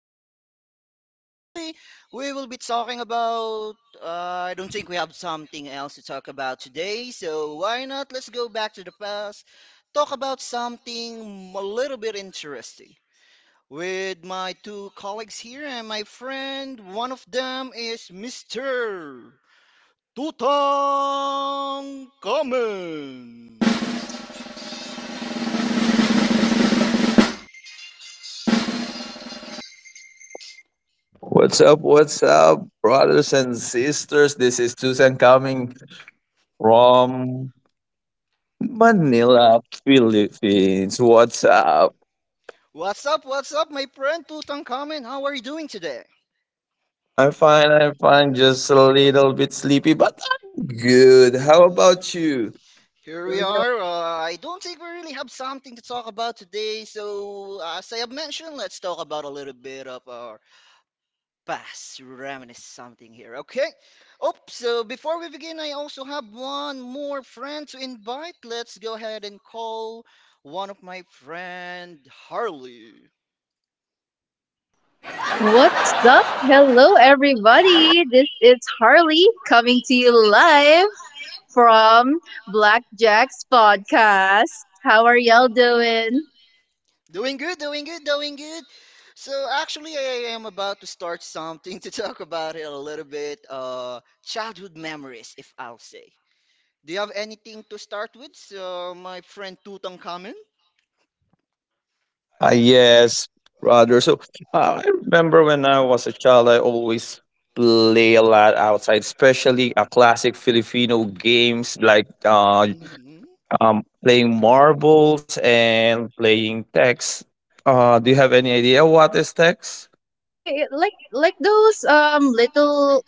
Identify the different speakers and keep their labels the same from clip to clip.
Speaker 1: Blackjack's yours truly. We will be talking about. Uh, I don't think we have something else to talk about today, so why not? Let's go back to the past, talk about something a little bit interesting. With my two colleagues here and my friend, one of them is Mr. Tutankhamen.
Speaker 2: What's up? What's up, brothers and sisters? This is Susan coming from Manila, Philippines. What's up?
Speaker 1: What's up? What's up, my friend Tutankhamen? How are you doing today?
Speaker 2: I'm fine. I'm fine. Just a little bit sleepy, but I'm good. How about you?
Speaker 1: Here we are. I don't think we really have something to talk about today, so as I have mentioned, let's talk about a little bit of our past, reminisce something here, okay? Oh, so before we begin, I also have one more friend to invite. Let's go ahead and call one of my friend Harley.
Speaker 3: What's up? Hello, everybody. This is Harley coming to you live from Blackjack's podcast. How are y'all doing?
Speaker 1: Doing good, doing good, doing good. So actually, I am about to start something to talk about it a little bit. Childhood memories, if I'll say. Do you have anything to start with, so my friend Tutankhamen?
Speaker 2: Ah, yes, brother. So I remember when I was a child, I always play a lot outside, especially a classic Filipino games like uh,
Speaker 1: Mm-hmm.
Speaker 2: um playing marbles and playing text. Do you have any idea what is text?
Speaker 3: Yeah, yeah, like those little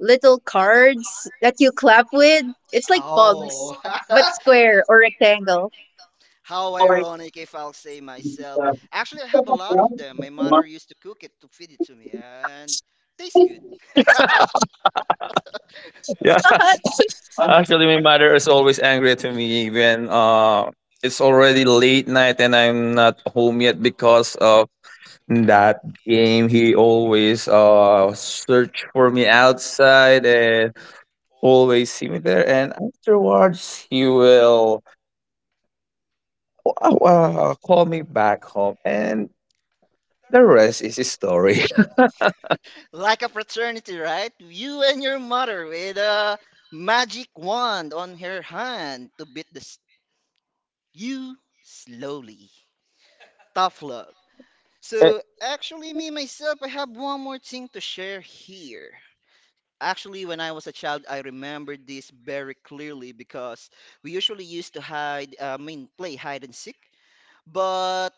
Speaker 3: little cards that you clap with. It's like bug,
Speaker 1: Oh,
Speaker 3: but square or rectangle.
Speaker 1: how
Speaker 2: Oh my
Speaker 1: ironic if I'll say myself.
Speaker 2: god.
Speaker 1: Actually, I have a lot of them. My mother used to cook it to feed it to me, and tastes good.
Speaker 3: What?
Speaker 2: Yeah. Actually, my mother is always angry to me when it's already late night and I'm not home yet because of that game. He always search for me outside and always see me there, and afterwards he will call me back home, and the rest is his story.
Speaker 1: Like a fraternity, right? You and your mother with a magic wand on her hand to beat the you slowly. Tough love. So actually, me myself, I have one more thing to share here. Actually, when I was a child, I remember this very clearly because we usually used to hide, play hide and seek. But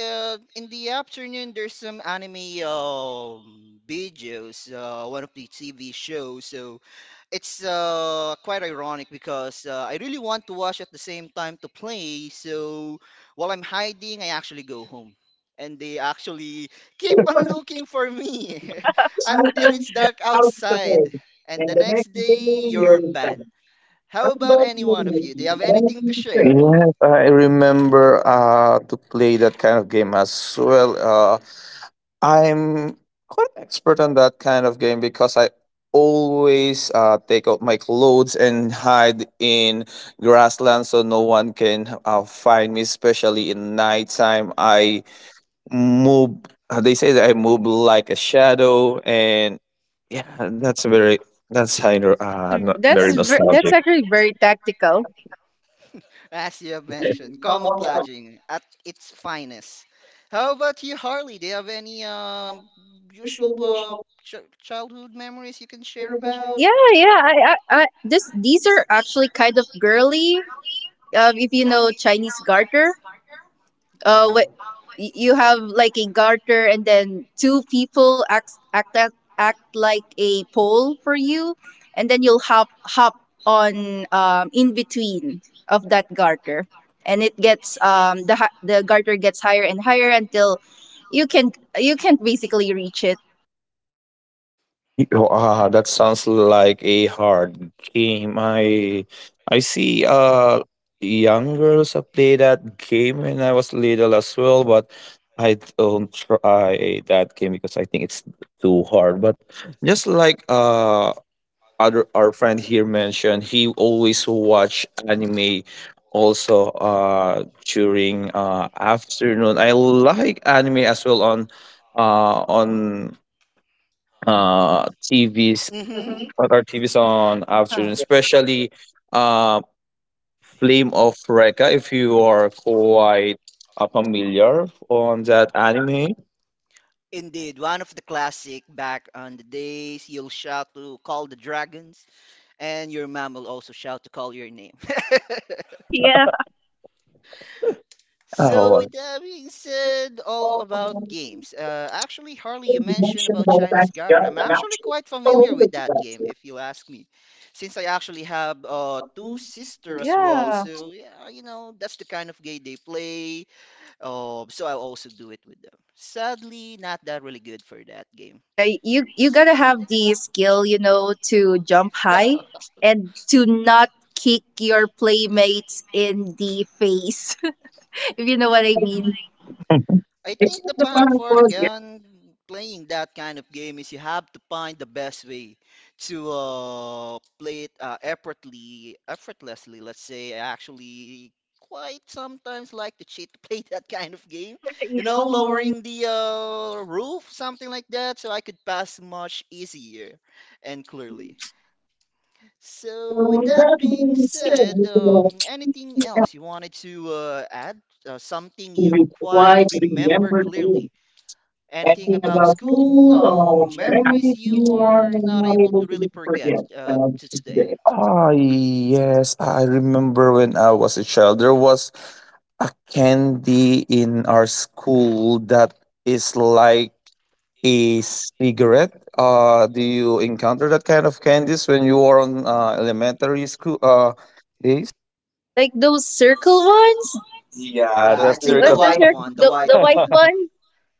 Speaker 1: in the afternoon, there's some anime videos, one of the TV shows. So it's quite ironic because I really want to watch at the same time to play. So while I'm hiding, I actually go home. And they actually keep on looking for me until it's dark outside. And the next day, you're banned. How about any one of you? Do you have anything to share?
Speaker 2: Yes, I remember to play that kind of game as well. I'm quite expert on that kind of game because I always take out my clothes and hide in grassland so no one can find me, especially in nighttime. I move. They say that I move like a shadow, and yeah, that's very. That's kind of
Speaker 3: That's
Speaker 2: not very
Speaker 3: that's
Speaker 2: nostalgic.
Speaker 3: actually very tactical.
Speaker 1: As you have mentioned, camouflaging at its finest. How about you, Harley? Do you have any usual childhood memories you can share about?
Speaker 3: Yeah, yeah. I this these are actually kind of girly. If you know Chinese garter, what
Speaker 1: Oh.
Speaker 3: you have like a garter and then two people act like a pole for you, and then you'll hop on, in between of that garter, and it gets the garter gets higher and higher until you can you can basically reach it.
Speaker 2: Ah, that sounds like a hard game. I see young girls play that game when I was little as well, but I don't try that game because I think it's too hard. But just like other our friend here mentioned, he always watch anime also during afternoon. I like anime as well on uh on TVs,
Speaker 1: Mm-hmm.
Speaker 2: on our TVs on
Speaker 3: Yeah.
Speaker 2: afternoon, especially uh, Flame of Recca, if you are quite familiar on that anime.
Speaker 1: Indeed, one of the classic back on the days you'll shout to call the dragons, and your mom will also shout to call your name.
Speaker 3: Yeah.
Speaker 1: So
Speaker 2: Oh.
Speaker 1: with that being said, all about games. Actually, Harley, you mentioned about Chinese Garter. I'm actually quite familiar with that game, if you ask me, since I actually have two sisters as well.
Speaker 3: Yeah.
Speaker 1: So yeah, you know that's the kind of game they play. So I will also do it with them. Sadly, not that really good for that game.
Speaker 3: Yeah, you gotta have the skill, you know, to jump high and to not kick your playmates in the face, if you know what I mean.
Speaker 2: Mhm.
Speaker 1: I think the plan for again playing that kind of game is you have to find the best way to play it effortlessly. Let's say I actually quite sometimes like to cheat to play that kind of game. You know, lowering the roof, something like that, so I could pass much easier and clearly. So, with that being said, anything else you wanted to add? Something you quite remember clearly? Anything about school, memories you are not able to really forget
Speaker 2: forget
Speaker 1: to
Speaker 2: today.
Speaker 1: today?
Speaker 2: Ah, yes, I remember when I was a child, there was a candy in our school that is like a cigarette. Do you encounter that kind of candies when you are on elementary school days?
Speaker 3: Like those circle ones. Yeah,
Speaker 2: Yeah,
Speaker 3: that's
Speaker 1: I
Speaker 2: that
Speaker 3: The,
Speaker 1: think
Speaker 3: the,
Speaker 2: circle.
Speaker 3: white.
Speaker 1: the
Speaker 3: the, the
Speaker 1: white
Speaker 3: white
Speaker 1: one.
Speaker 3: one,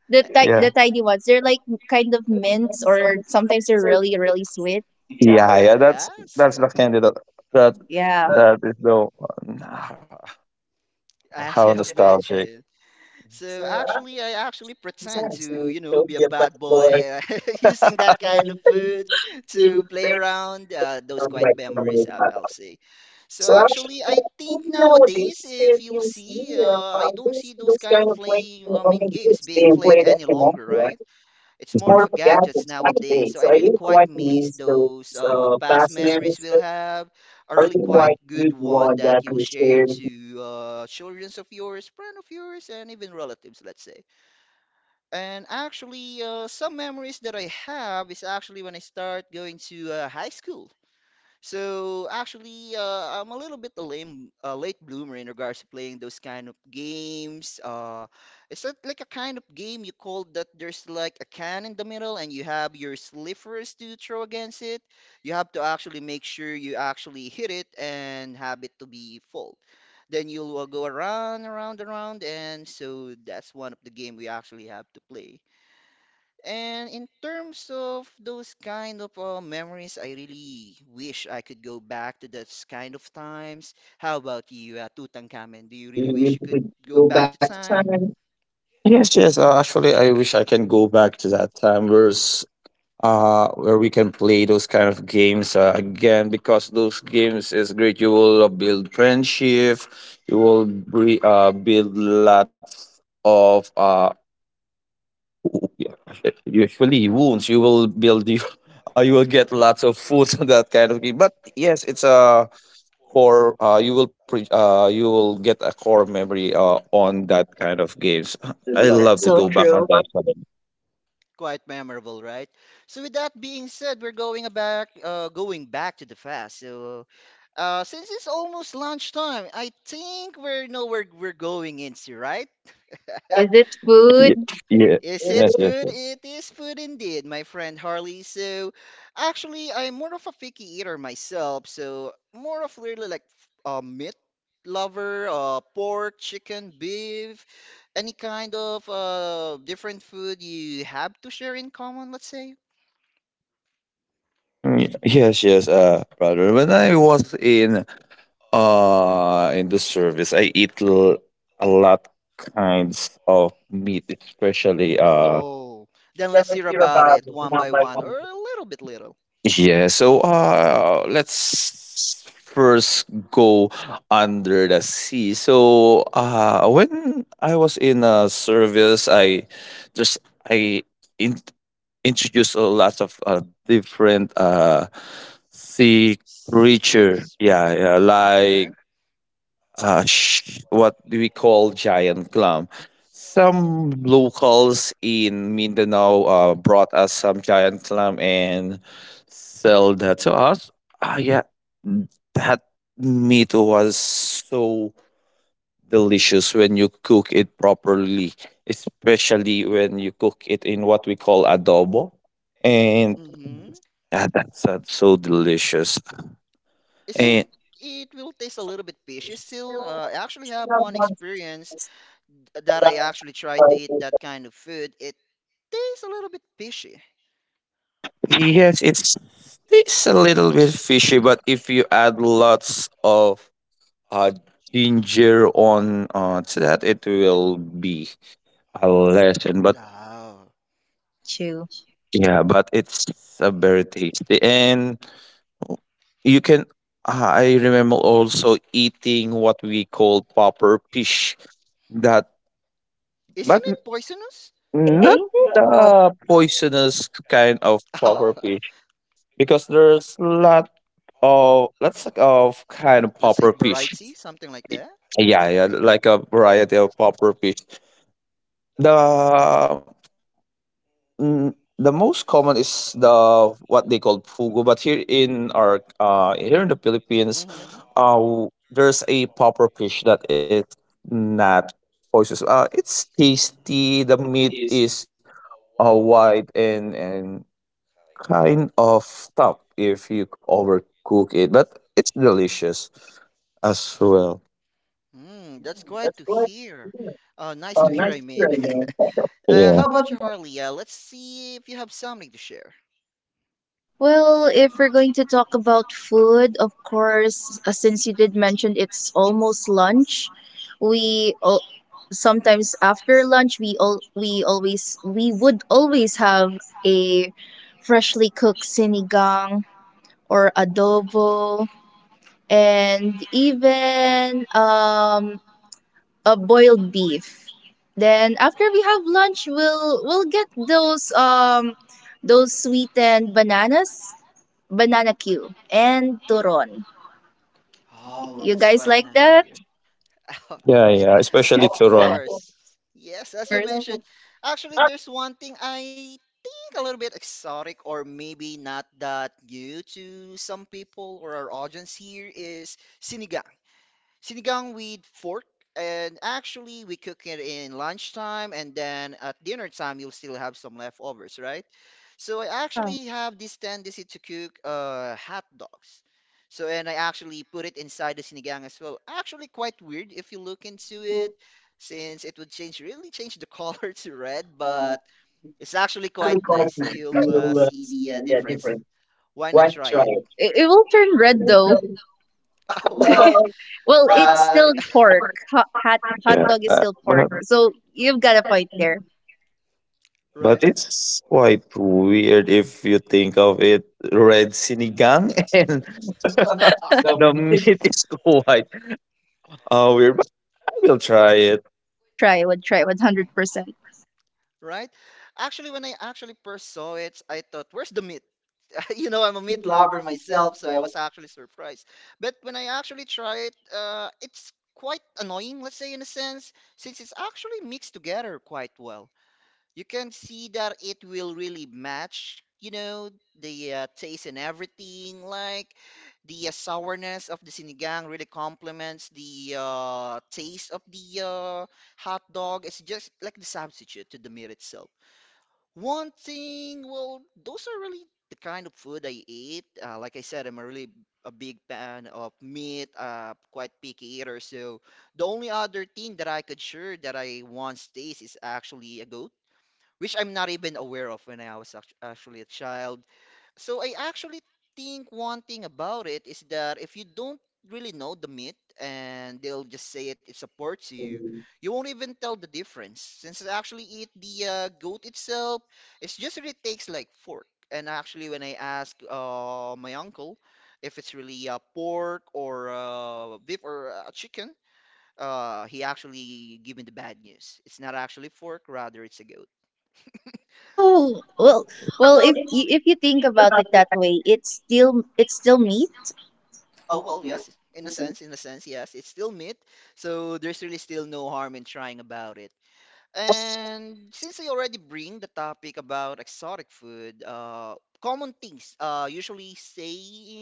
Speaker 2: Yeah.
Speaker 3: the tiny ones. They're like kind of mints, or sometimes they're really sweet.
Speaker 2: Yeah, yeah,
Speaker 1: Uh,
Speaker 2: that's
Speaker 1: Yes, uh,
Speaker 2: the candy that
Speaker 3: Yeah,
Speaker 2: that is the one.
Speaker 1: as
Speaker 2: How
Speaker 1: you have
Speaker 2: nostalgic.
Speaker 1: mentioned.
Speaker 2: Yes,
Speaker 1: So actually, I actually pretend to, you know, be a bad boy, using that kind of food to play around. Those quiet memories up, I'll say. So actually, I think nowadays, if you'll see, I don't see those kind of play, I mean, games being played any longer, right? It's more of a gadgets nowadays. So I really quite miss those past memories we'll have. A really quite good one that you'll share to children of yours, friend of yours, and even relatives, let's say. And actually, some memories that I have is actually when I start going to high school. So actually, I'm a little bit a lame, late bloomer in regards to playing those kind of games. Is that like a kind of game you call that there's like a can in the middle and you have your slivers to throw against it? You have to actually make sure you actually hit it and have it to be full. Then you'll go around, around, around, and so that's one of the game we actually have to play. And in terms of those kind of memories, I really wish I could go back to those kind of times. How about you, Tutankhamen? Do you really wish you could go back to time?
Speaker 2: yes. Actually, I wish I can go back to that time. Where we can play those kind of games again, because those games is great. You will build friendship, you will build lots of usually wounds. You will build you, you will get lots of food on that kind of game. But yes, it's a core. You will you will get a core memory on that kind of games. I love
Speaker 3: that's
Speaker 2: to
Speaker 3: so
Speaker 2: go back on
Speaker 3: true.
Speaker 2: that.
Speaker 1: Quite memorable, right? So with that being said, we're going back, going back to the past. So since it's almost lunchtime, I think we're know where we're going into, right?
Speaker 3: Is it
Speaker 2: Yeah,
Speaker 3: food?
Speaker 2: yeah,
Speaker 1: Is
Speaker 2: yes,
Speaker 1: it
Speaker 2: yes,
Speaker 1: food?
Speaker 2: yes.
Speaker 1: It is food indeed, my friend Harley. So, actually, I'm more of a picky eater myself. So, more of really like a meat lover, pork, chicken, beef, any kind of different food you have to share in common, let's say.
Speaker 2: Mm, yes, yes, brother. When I was in in the service, I eat a lot kinds of meat, especially
Speaker 1: Oh, then let's hear about it one by one or a little bit little.
Speaker 2: yeah. So let's first go under the sea. So when I was in a service, I just I in Introduce a lot of different sea creature.
Speaker 1: Seafoods.
Speaker 2: Yeah, yeah,
Speaker 1: Oh,
Speaker 2: like
Speaker 1: okay.
Speaker 2: what do we call giant clam. Some locals in Mindanao brought us some giant clam and sell that to us. Ah, yeah, n- that meat was so delicious when you cook it properly, especially when you cook it in what we call adobo. And
Speaker 1: Mm-hmm.
Speaker 2: yeah, that sounds so delicious.
Speaker 1: Isn't
Speaker 2: And
Speaker 1: it will taste a little bit fishy still? I actually have one experience that I actually tried to eat that kind of food. It tastes a little bit fishy.
Speaker 2: yes, it's a little bit fishy, but if you add lots of uh, ginger on to that, it will be a lesson. But
Speaker 1: Oh,
Speaker 3: Got you.
Speaker 2: yeah, but it's a very tasty, and you can. I remember also eating what we call popper fish. That, but
Speaker 1: isn't it poisonous?
Speaker 3: Eh, eh,
Speaker 2: not
Speaker 3: eh.
Speaker 2: the poisonous kind of
Speaker 1: Oh,
Speaker 2: puffer fish, because there's lots of kind of
Speaker 1: let's say
Speaker 2: puffer fish.
Speaker 1: variety, something like that.
Speaker 2: Yeah, yeah, like a variety of puffer fish. The the most common is the what they call fugu, but here in our here in the Philippines,
Speaker 1: Mm-hmm.
Speaker 2: there's a puffer fish that is not poisonous. It's tasty. The
Speaker 3: Uh-huh.
Speaker 2: meat is white and kind of tough if you overcook it, but it's delicious as well.
Speaker 1: Mm, that's quite to hear. Nice to hear, I mean.
Speaker 2: Yeah,
Speaker 1: How about you, Harley? Let's see if you have something to share.
Speaker 3: Well, if we're going to talk about food, of course, since you did mention it's almost lunch, we al- sometimes after lunch we would always have a freshly cooked sinigang or adobo, and even a boiled beef. Then after we
Speaker 1: Oh,
Speaker 3: have lunch, we'll get those sweetened bananas, banana Q, and turon.
Speaker 1: oh,
Speaker 3: You
Speaker 1: that's
Speaker 3: guys
Speaker 1: quite
Speaker 3: like
Speaker 1: nice to
Speaker 3: that?
Speaker 1: hear.
Speaker 2: yeah, yeah. Especially
Speaker 1: Of
Speaker 2: to run.
Speaker 1: course. Yes,
Speaker 3: Of
Speaker 1: as you
Speaker 3: course.
Speaker 1: mentioned. Actually, there's one thing I think a little bit exotic or maybe not that new to some people or our audience here is sinigang. Sinigang with fork, and actually we cook it in lunchtime, and then at dinner time you'll still have some leftovers, right? So I
Speaker 3: Yeah.
Speaker 1: actually have this tendency to cook hot dogs. So and I actually put it inside the sinigang as well. Actually quite weird if you look into it, since it would change really change the color to red, but it's actually quite nice. You'll see the
Speaker 2: Yeah.
Speaker 1: difference. Why not try it?
Speaker 3: It will turn red though.
Speaker 1: Well,
Speaker 3: Well, it's
Speaker 1: uh,
Speaker 3: still pork. Hot dog is still
Speaker 2: But
Speaker 3: pork. So you've got a point there.
Speaker 1: right?
Speaker 2: it's quite weird if you think of it. Red sinigang and the meat is quite weird, but I will try it.
Speaker 3: Would try, 100%.
Speaker 1: Right? Actually, when I actually first saw it, I thought, where's the meat? You know, I'm a meat lover myself, so I was actually surprised. But when I actually try it, it's quite annoying, let's say, in a sense, since it's actually mixed together quite well. You can see that it will really match, you know, the taste and everything. Like the sourness of the sinigang really complements the taste of the hot dog. It's just like the substitute to the meat itself. One thing, well, those are really the kind of food I eat. Like I said, I'm a really a big fan of meat, quite picky eater. So the only other thing that I could share that I once taste is actually a goat which I'm not even aware of when I was actually a child. So I actually think one thing about it is that if you don't really know the myth and they'll just say it, it supports you,
Speaker 2: Working
Speaker 1: you won't even tell the difference. Since actually it the goat itself, it's just really takes like fork. And actually, when I ask my uncle if it's really pork or beef or chicken, he actually give me the bad news. It's not actually fork, rather it's a goat.
Speaker 3: Oh well, well if you think about it that way, it's still meat.
Speaker 1: Oh well, yes, it's- in a sense, yes, it's still meat, so there's really still no harm in trying about it. And since I already bring the topic about exotic food, common things usually say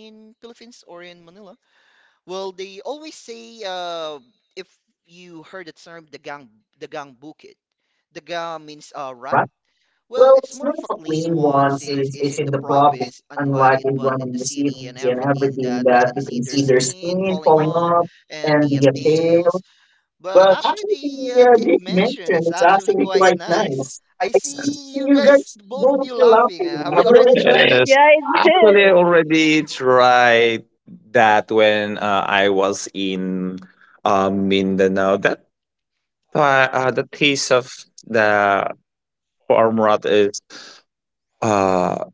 Speaker 1: in Philippines or in Manila. Well, they always say if you heard the term dagang bukid. Dagang means
Speaker 2: uh,
Speaker 1: rat.
Speaker 2: right
Speaker 1: Well,
Speaker 2: well,
Speaker 1: it's more of a clean
Speaker 2: lean
Speaker 1: one
Speaker 2: ones
Speaker 1: since it's
Speaker 2: is
Speaker 1: in the
Speaker 2: the problem,
Speaker 1: province, unlike
Speaker 2: unlike
Speaker 1: in
Speaker 2: in
Speaker 1: one
Speaker 2: one
Speaker 1: in the
Speaker 2: of the
Speaker 1: city
Speaker 2: city
Speaker 1: and
Speaker 2: and
Speaker 1: everything
Speaker 2: everything
Speaker 1: that
Speaker 2: that
Speaker 1: you
Speaker 2: you
Speaker 1: can
Speaker 2: can
Speaker 1: see
Speaker 2: see
Speaker 1: their
Speaker 2: their
Speaker 1: skin
Speaker 2: skin
Speaker 1: falling
Speaker 2: falling
Speaker 1: off
Speaker 2: off
Speaker 1: and
Speaker 2: and
Speaker 1: the
Speaker 2: the
Speaker 1: tails.
Speaker 2: tail.
Speaker 1: But actually, they
Speaker 2: Yeah,
Speaker 1: did mention it's actually quite
Speaker 3: Yeah.
Speaker 1: nice.
Speaker 2: this,
Speaker 1: I see you
Speaker 2: you
Speaker 1: guys,
Speaker 2: guys
Speaker 1: both of you laughing. Have
Speaker 2: are
Speaker 1: you
Speaker 2: really
Speaker 1: already tried it?
Speaker 2: yes.
Speaker 3: Yeah.
Speaker 2: Actually, I already tried that when I was in Mindanao. That uh, the taste of the farm rot is. uh,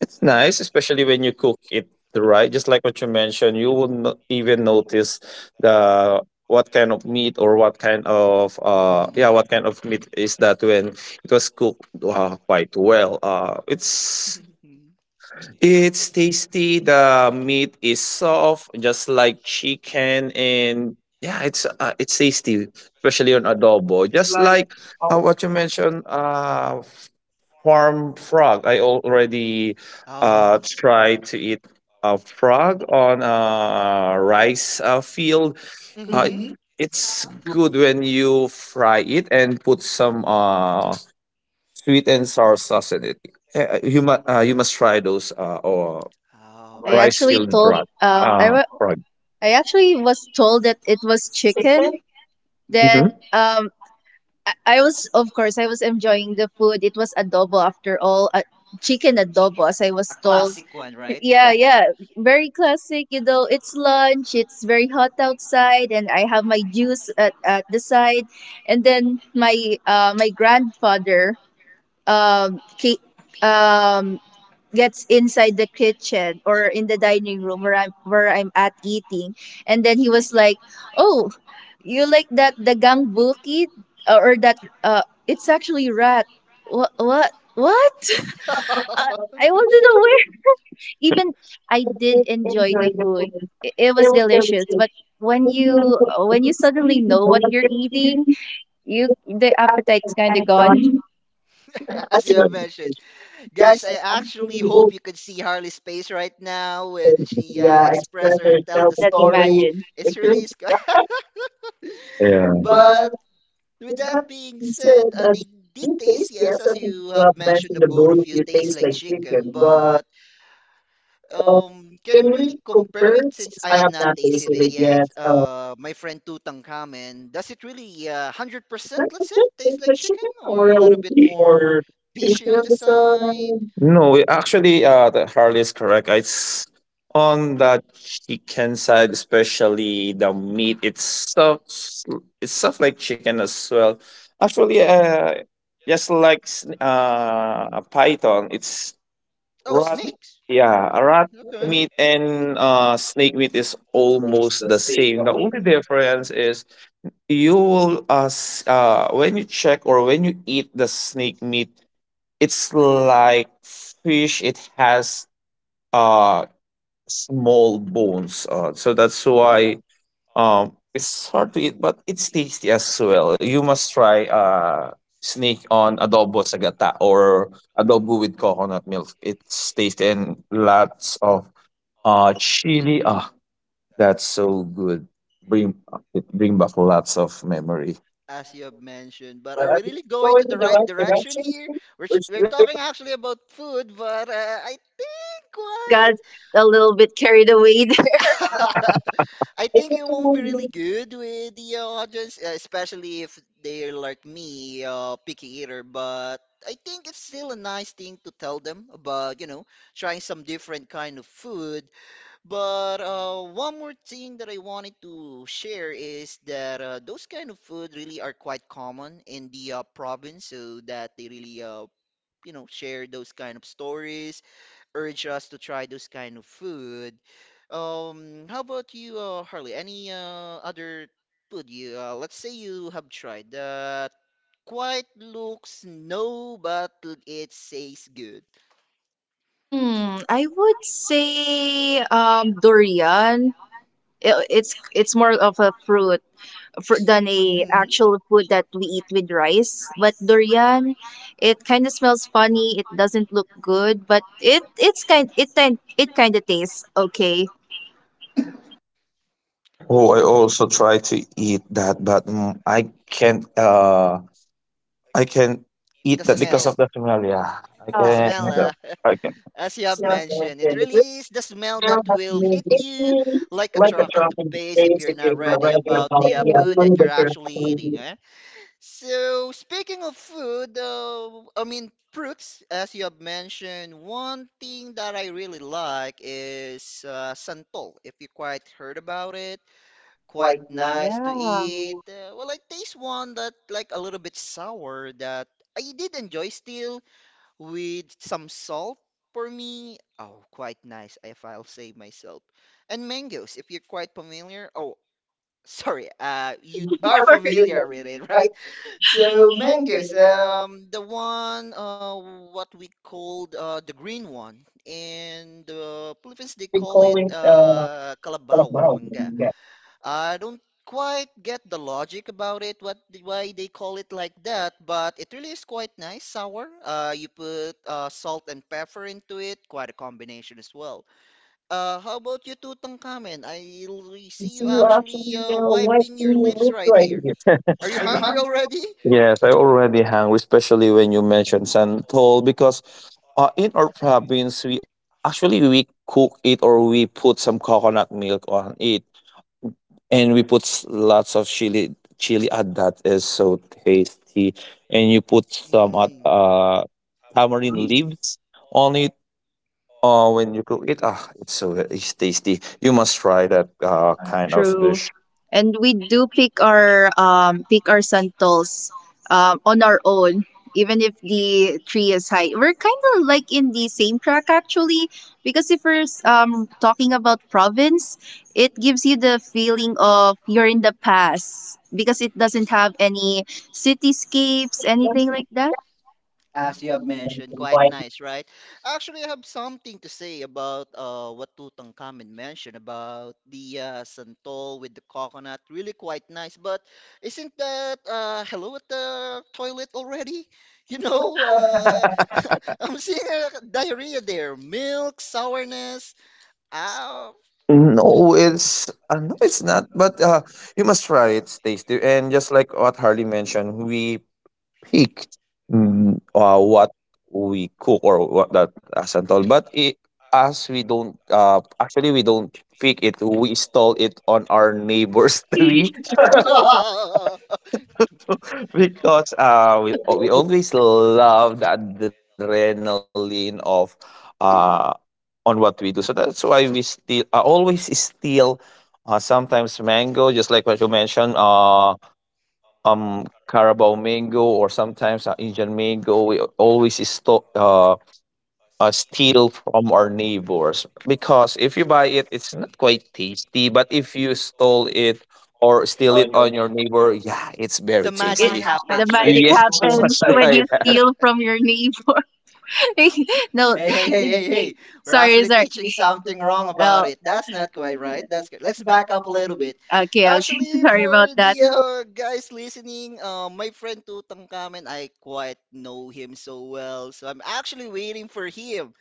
Speaker 2: It's nice, especially when you cook it right. Just like what you mentioned, you will not even notice the what kind of meat, or what kind of
Speaker 1: Mhm.
Speaker 2: what kind of meat is that when it was cooked quite well. It's tasty. The meat is soft, just like chicken, and yeah, it's tasty, especially on adobo. Just like what you mentioned, farm frog. I already
Speaker 1: Oh.
Speaker 2: tried to eat a frog on a rice field.
Speaker 1: Hmm.
Speaker 2: Hmm,
Speaker 3: It's, uh huh.
Speaker 2: it's good when you fry it and put some sweet and sour sauce in it. Eh, eh, you must you must try those
Speaker 1: Oh.
Speaker 3: I
Speaker 2: rice
Speaker 3: actually
Speaker 2: field
Speaker 3: told
Speaker 2: drug, frog.
Speaker 3: I actually was told that it was chicken.
Speaker 2: Chicken. Hmm.
Speaker 3: Then I was, of course, I was enjoying the food. It was adobo after all, a chicken adobo, as I was
Speaker 1: A
Speaker 3: told.
Speaker 1: classic one, right?
Speaker 3: Yeah, yeah, very classic. You know, it's lunch. It's very hot outside, and I have my juice at the side, and then my grandfather um ca- um gets inside the kitchen or in the dining room where I'm at eating, and then he was like, "Oh, you like that dagang bukid, or that it's actually rat." What, what, what? I wasn't aware. Even I did
Speaker 2: Did
Speaker 3: enjoy
Speaker 2: enjoy
Speaker 3: the
Speaker 2: the
Speaker 3: food.
Speaker 2: food.
Speaker 3: It
Speaker 2: It
Speaker 3: was
Speaker 2: was
Speaker 3: delicious,
Speaker 2: delicious.
Speaker 3: but
Speaker 2: Beautiful.
Speaker 3: when you suddenly know what you're eating, you the appetite's kind
Speaker 2: And
Speaker 3: of gone.
Speaker 2: done.
Speaker 1: As you have mentioned, guys,
Speaker 2: Yes,
Speaker 1: I
Speaker 2: I'm
Speaker 1: actually
Speaker 2: really
Speaker 1: hope
Speaker 2: old.
Speaker 1: you could see Harley's face right now when she
Speaker 2: Yeah,
Speaker 1: express
Speaker 2: express
Speaker 1: or
Speaker 3: You
Speaker 1: tell the
Speaker 2: herself
Speaker 3: cannot
Speaker 1: story.
Speaker 2: story.
Speaker 3: imagine.
Speaker 1: It's really
Speaker 2: Pictures. Yeah. But
Speaker 1: but with that being said,
Speaker 2: instead,
Speaker 1: they did taste yes, as you have mentioned, the
Speaker 2: the
Speaker 1: both of
Speaker 2: boat
Speaker 1: you taste like chicken. But can we really compare it since I have not tasted it
Speaker 2: basically
Speaker 1: yet?
Speaker 2: gets a
Speaker 1: My friend Tutankhamen, does it really hundred
Speaker 2: hundred
Speaker 1: percent,
Speaker 2: percent
Speaker 1: let's say, taste like chicken or
Speaker 2: or
Speaker 1: a
Speaker 2: a
Speaker 1: little
Speaker 2: little
Speaker 1: bit more
Speaker 2: more.
Speaker 1: fishy on the side?
Speaker 2: No, it actually, the Harley is correct. It's on the chicken side, especially the meat. It's itself. It's stuff like chicken as well. Actually, just like a python, it's
Speaker 1: Oh,
Speaker 2: rat.
Speaker 1: snakes.
Speaker 2: Yeah, a rat
Speaker 1: Okay.
Speaker 2: meat and snake meat is almost the same. The only difference is you will when you check or when you eat the snake meat, it's like fish. It has uh small bones. So that's
Speaker 1: Oh,
Speaker 2: why it's hard to eat, but it's tasty as well. You must try snake on adobo sagata or adobo with coconut milk. It's tasty and lots of chili. Ah, that's so good. Bring it bring back lots of memory.
Speaker 1: as you have mentioned, but are we really going to the right direction here? We're talking actually about food, but I think
Speaker 3: We
Speaker 1: quite.
Speaker 3: got a little bit carried away.
Speaker 1: I think it won't be really good with the audience, especially if they're like me, picky eater. But I think it's still a nice thing to tell them about, you know, trying some different kind of food. But one more thing that I wanted to share is that those kind of food really are quite common in the province, so that they really you know share those kind of stories, urge us to try those kind of food. How about you, Harley? Any other food you let's say you have tried that quite looks no, but it says good.
Speaker 3: Hmm, I would say durian. It's more of a fruit than a
Speaker 1: Hmm.
Speaker 3: actual food that we eat with rice. But durian, it kind of smells funny. It doesn't look good, but it it's kind it kind it kind of tastes okay.
Speaker 2: Oh,
Speaker 1: Oh,
Speaker 2: I also try to eat that, but mm, I can't. I can't eat
Speaker 1: the
Speaker 2: that because of
Speaker 1: smell.
Speaker 2: the smell. Yeah, I
Speaker 3: Yeah.
Speaker 1: The
Speaker 2: can.
Speaker 1: smell, as you have mentioned, it really is the smell that will hit you like a truck in the face if you're not ready about the food that you're actually eating. Eh? So, speaking of food, I mean, fruits, as you have mentioned, one thing that I really like is santol. If you quite heard about it, quite
Speaker 3: Quite nice.
Speaker 1: nice to
Speaker 3: Yeah.
Speaker 1: eat. Well, I taste one that like a little bit sour that I did enjoy still with some salt for me. Oh, quite nice if I'll say myself. And mangoes, if you're quite familiar. Oh, sorry, are familiar with it, right?
Speaker 3: Right.
Speaker 1: So mangoes, the one what we called the green one. In the Philippines, they call it kalabaw na mangga. I don't quite get the logic about it, what why they call it like that, but it really is quite nice, sour. You put salt and pepper into it, quite a combination as well. How about you, Tutankhamen? See you
Speaker 2: Uh,
Speaker 1: actually
Speaker 2: I
Speaker 1: wiping your lips right here.
Speaker 2: can.
Speaker 1: Are you hungry already?
Speaker 2: Yes, I already hungry, especially when you mentioned santol, because in our province, we cook it or we put some coconut milk on it, and we put lots of chili at that is so tasty, and you put some at
Speaker 1: Mm.
Speaker 3: Yum.
Speaker 2: tamarind leaves on it. When you cook it, ah, it's so it's tasty. You must try that kind of
Speaker 3: True.
Speaker 2: dish.
Speaker 3: And we do pick our sandals on our own, even if the tree is high. We're kind of like in the same track actually, because if we're talking about province, it gives you the feeling of you're in the past, because it doesn't have any cityscapes, anything like that.
Speaker 1: As you have mentioned, quite nice, right? Actually, I have something to say about what Tutankhamen mentioned about the santol with the coconut. Really quite nice, but isn't that hello at the toilet already? You know, I'm seeing diarrhea there, milk, sourness. Ow.
Speaker 2: No, it's no, it's not. But you must try it. It's tasty, and just like what Harley mentioned, we pick what we cook or what that as and all. But it, as we don't actually we don't pick it. We stall it on our neighbor's
Speaker 3: Hey,
Speaker 2: tree because we always love the adrenaline of uh on what we do. So that's why we still always steal sometimes mango, just like what you mentioned, Carabao mango, or sometimes Indian mango. We always steal from our neighbors because if you buy it, it's not quite tasty. But if you stole it
Speaker 3: hey.
Speaker 2: or steal it on your neighbor, yeah, it's
Speaker 1: The
Speaker 2: very
Speaker 1: magic
Speaker 2: tasty.
Speaker 3: The
Speaker 1: happens, right?
Speaker 3: magic
Speaker 2: Yes, you
Speaker 3: happens
Speaker 2: must
Speaker 3: when
Speaker 2: try
Speaker 3: you steal from your neighbor. No, sorry,
Speaker 1: Hey, hey,
Speaker 3: hey,
Speaker 1: hey, hey,
Speaker 3: hey, hey.
Speaker 1: hey. We're
Speaker 3: Sorry.
Speaker 1: actually teaching something wrong about
Speaker 3: No,
Speaker 1: it. That's not quite right. That's good. Let's back up a little bit.
Speaker 3: okay, okay.
Speaker 1: Actually,
Speaker 3: Sorry
Speaker 1: for
Speaker 3: about that.
Speaker 1: the guys listening, my friend Tutankhamen, I quite know him so well. So I'm actually waiting for him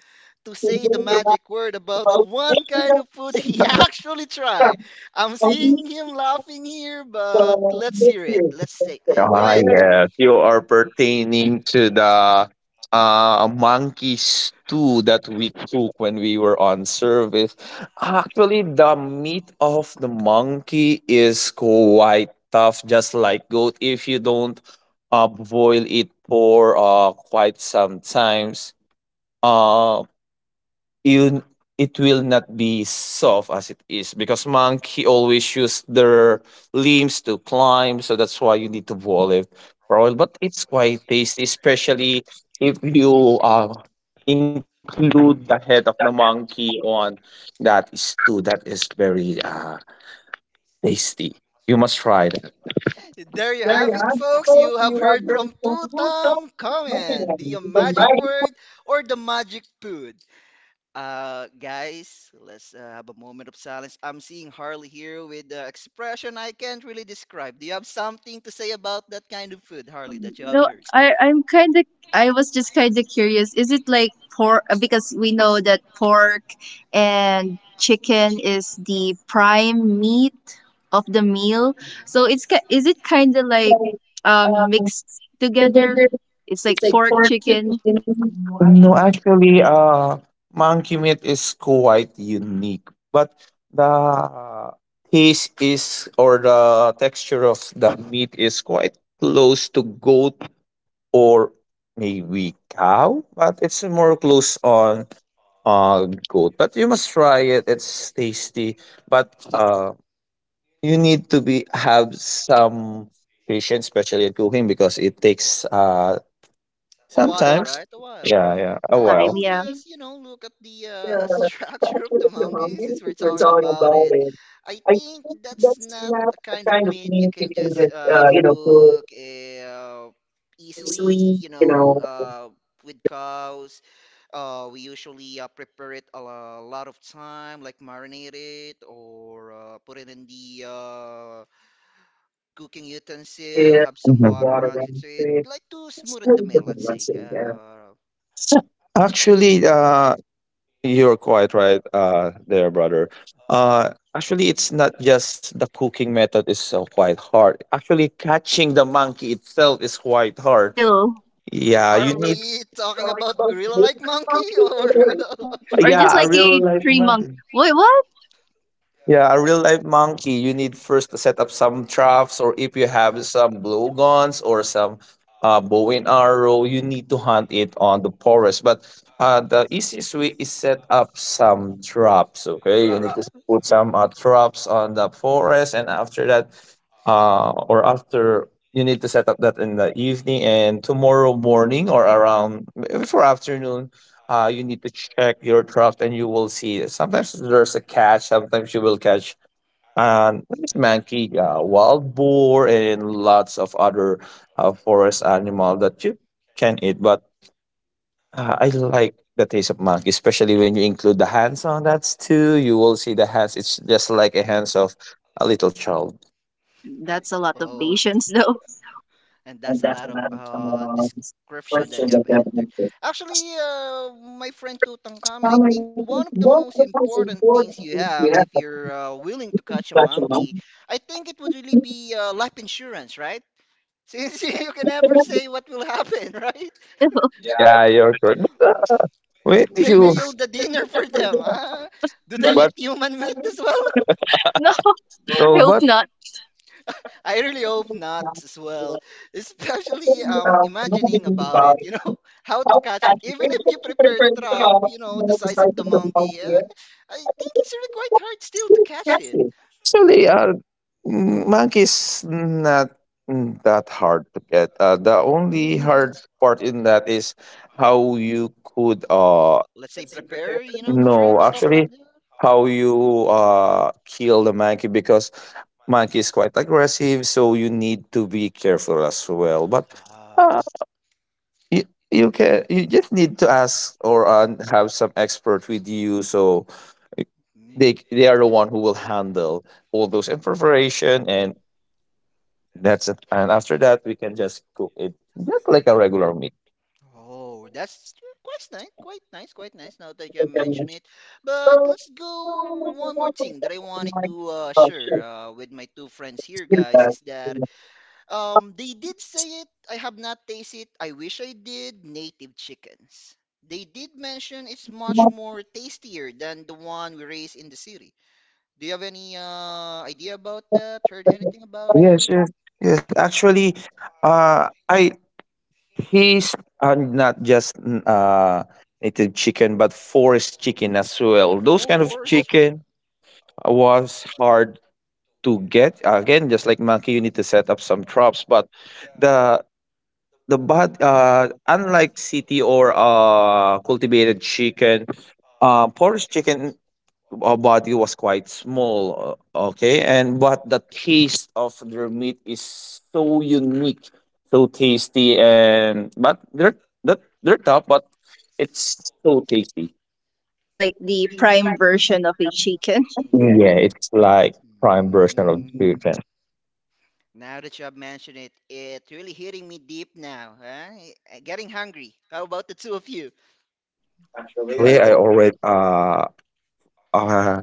Speaker 1: to say the
Speaker 2: that.
Speaker 1: magic word about one kind of food he actually tried. I'm seeing him laughing here, but
Speaker 2: So,
Speaker 1: let's hear it. Let's say, eh, go
Speaker 2: ah,
Speaker 1: ahead.
Speaker 2: yes. You are pertaining to the monkey stew that we cook when we were on service. Actually, the meat of the monkey is quite tough, just like goat. If you don't boil it for quite some times, uh, you it will not be soft as it is, because monkey always use their limbs to climb, so that's why you need to boil it for a while. But it's quite tasty, especially if you include the head of the monkey on that stew. That is very tasty. You must try that.
Speaker 1: There you have it, folks. You have heard from Tutankhamen, the magic word or the magic food. Guys, let's have a moment of silence. I'm seeing Harley here with the expression I can't really describe. Do you have something to say about that kind of food, Harley, that you have
Speaker 3: No,
Speaker 1: heard?
Speaker 3: I'm kind of, I was just kind of curious. Is it like pork? Because we know that pork and chicken is the prime meat of the meal. So it's, is it kind of like mixed together? It's like
Speaker 2: It's like
Speaker 3: pork,
Speaker 2: pork
Speaker 3: chicken.
Speaker 2: chicken. No, actually, monkey meat is quite unique, but the taste is or the texture of the meat is quite close to goat or maybe cow, but it's more close on goat. But you must try it; it's tasty. But you need to be have some patience, especially at cooking, because it takes
Speaker 1: A
Speaker 2: some
Speaker 1: while,
Speaker 2: time.
Speaker 1: right? A while.
Speaker 2: Yeah,
Speaker 3: A
Speaker 2: yeah.
Speaker 3: lot
Speaker 2: A
Speaker 3: of
Speaker 1: Well, if
Speaker 3: time,
Speaker 2: while.
Speaker 1: you'll
Speaker 3: yeah.
Speaker 1: just, you know, look at the
Speaker 2: Mhm.
Speaker 1: structure of the monkey since we're talking about it, I think that's not a kind of meat you can just, you know, cook easily, you know, with cows. We usually prepare it a lot of time, like marinate it or put it in the cooking utensil, have some water runs into it, like to smoothen the meal, let's say.
Speaker 2: Actually, you're quite right, there, brother. Actually, it's not just the cooking method is so quite hard. Actually, catching the monkey itself is quite hard.
Speaker 3: Real.
Speaker 2: Yeah, you.
Speaker 1: Are we talking about gorilla like monkey or
Speaker 3: Or just like
Speaker 2: Yeah, a
Speaker 3: a
Speaker 2: real life
Speaker 3: three month.
Speaker 2: monkey.
Speaker 3: Wait, what?
Speaker 2: Yeah, a real life monkey, you need first to set up some traps, or if you have some blowguns or some bow and arrow, you need to hunt it on the forest. But the easiest way is set up some traps. Okay, you
Speaker 1: drops?
Speaker 2: need to
Speaker 1: Eh?
Speaker 2: put some traps on the forest, and after that, or after you need to set up that in the evening, and tomorrow morning or around before afternoon you need to check your draft and you will see. Sometimes there's a catch, sometimes you will catch an monkey, wild boar, and lots of other forest animal that you can eat. But I like the taste of monkey, especially when you include the hands on that too. You will see the hands. It's just like a hands of a little child.
Speaker 1: Yeah.
Speaker 3: That's a lot of
Speaker 1: Oh,
Speaker 3: patience, though.
Speaker 1: and that's a lot of description that you have entered. Actually, my friend Tutankhamun, I think one of the most important things you have if you're willing to catch a monkey, I think it would really be life insurance, right? Since you can never say what will happen, right?
Speaker 3: For real.
Speaker 2: Yeah, you're correct. When
Speaker 1: Maybe
Speaker 2: you
Speaker 1: you'll the dinner for them. Ah, do they eat human meat as well?
Speaker 3: No, I
Speaker 2: no,
Speaker 3: hope
Speaker 2: but
Speaker 3: not.
Speaker 1: I really hope not as well. Especially imagining about it, you know, how to catch it. Even if you prepare trap, you know, the size of the monkey, yeah, I think it's really quite hard still to catch it.
Speaker 2: actually, monkey's not that hard to get. The only
Speaker 1: Hmm.
Speaker 2: hard part in that is how you could
Speaker 1: Let's say prepare, you know, the trap,
Speaker 2: no,
Speaker 1: stuff like
Speaker 2: actually
Speaker 1: that. Uh,
Speaker 2: how you kill the monkey, because monkey is quite aggressive, so you need to be careful as well. But
Speaker 1: ah,
Speaker 2: uh, you, you can you just need to ask or have some expert with you, so
Speaker 1: mm.
Speaker 2: they are the one who will handle all those information, and that's it. And after that, we can just cook it just like a regular meat.
Speaker 1: Oh, that's quite nice, quite nice, quite nice now that you mention it. But let's go one more thing that I wanted to share with my two friends here, guys, is that they did say it. I have not tasted it. I wish I did. Native chickens. They did mention it's much more tastier than the one we raise in the city. Do you have any idea about that? Heard anything about
Speaker 2: Yes,
Speaker 1: it?
Speaker 2: yes, yes. Actually, I he's not just native chicken, but forest chicken as well. Those
Speaker 1: Oh,
Speaker 2: kind of
Speaker 1: forest.
Speaker 2: chicken was hard to get. Again, just like monkey, you need to set up some traps. But the the bad unlike city or cultivated chicken, forest chicken body was quite small, okay, and but the taste of their meat is so unique, so tasty, and but they're that they're tough, but it's so tasty.
Speaker 3: It's like the prime version of a chicken.
Speaker 2: Yeah, it's like prime version of
Speaker 1: Mm.
Speaker 2: chicken.
Speaker 1: Now that you have mentioned it, it's really hitting me deep now, huh? I- Getting hungry. How about the two of you?
Speaker 2: Actually, I already uh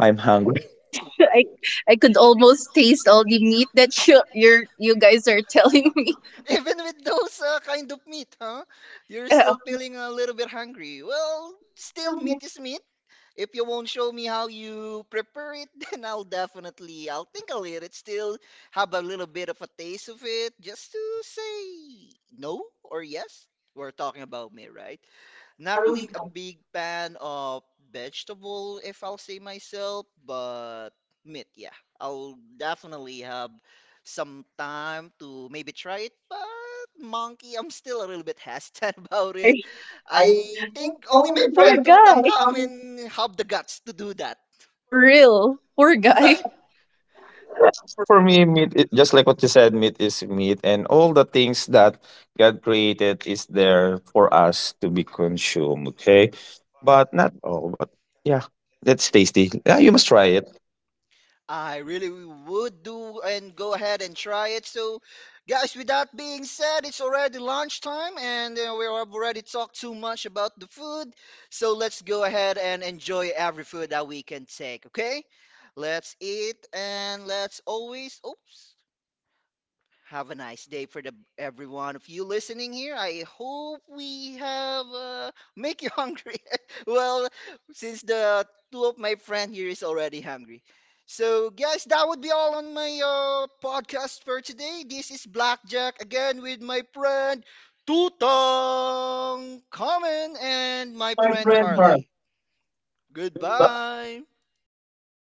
Speaker 2: I'm hungry.
Speaker 3: I, I could almost taste all the meat that you're, you guys are telling me.
Speaker 1: Even with those kind of meat, huh? You're
Speaker 3: Yeah,
Speaker 1: still feeling a little bit hungry. Well, still meat is meat. If you won't show me how you prepare it, then I'll definitely, I'll think I'll eat it. Still have a little bit of a taste of it, just to say no or yes. We're talking about me, right?
Speaker 3: yeah.
Speaker 1: Not really a big fan of vegetable, if I'll say myself, but meat, yeah. I'll definitely have some time to maybe try it, but monkey, I'm still a little bit hesitant
Speaker 3: You're
Speaker 1: about it.
Speaker 3: very
Speaker 1: I think only my
Speaker 3: poor
Speaker 1: friend
Speaker 3: guy.
Speaker 1: Tutankhamen have the guts to do that,
Speaker 3: For real, poor guy.
Speaker 1: right?
Speaker 2: For me, meat, just like what you said, meat is meat, and all the things that God created is there for us to be consumed. Okay, but not all. But yeah, that's tasty. Yeah, you must try it.
Speaker 1: I really would do and go ahead and try it. So, guys, with that being said, it's already lunchtime and we have already talked too much about the food. So, let's go ahead and enjoy every food that we can take, okay? Let's eat and let's always, oops, have a nice day for the every one of you listening here. I hope we have make you hungry. Well, since the two of my friend here is already hungry. So guys, that would be all on my podcast for today. This is Blackjack again with my friend Tutong Common and my friend Harley. Goodbye.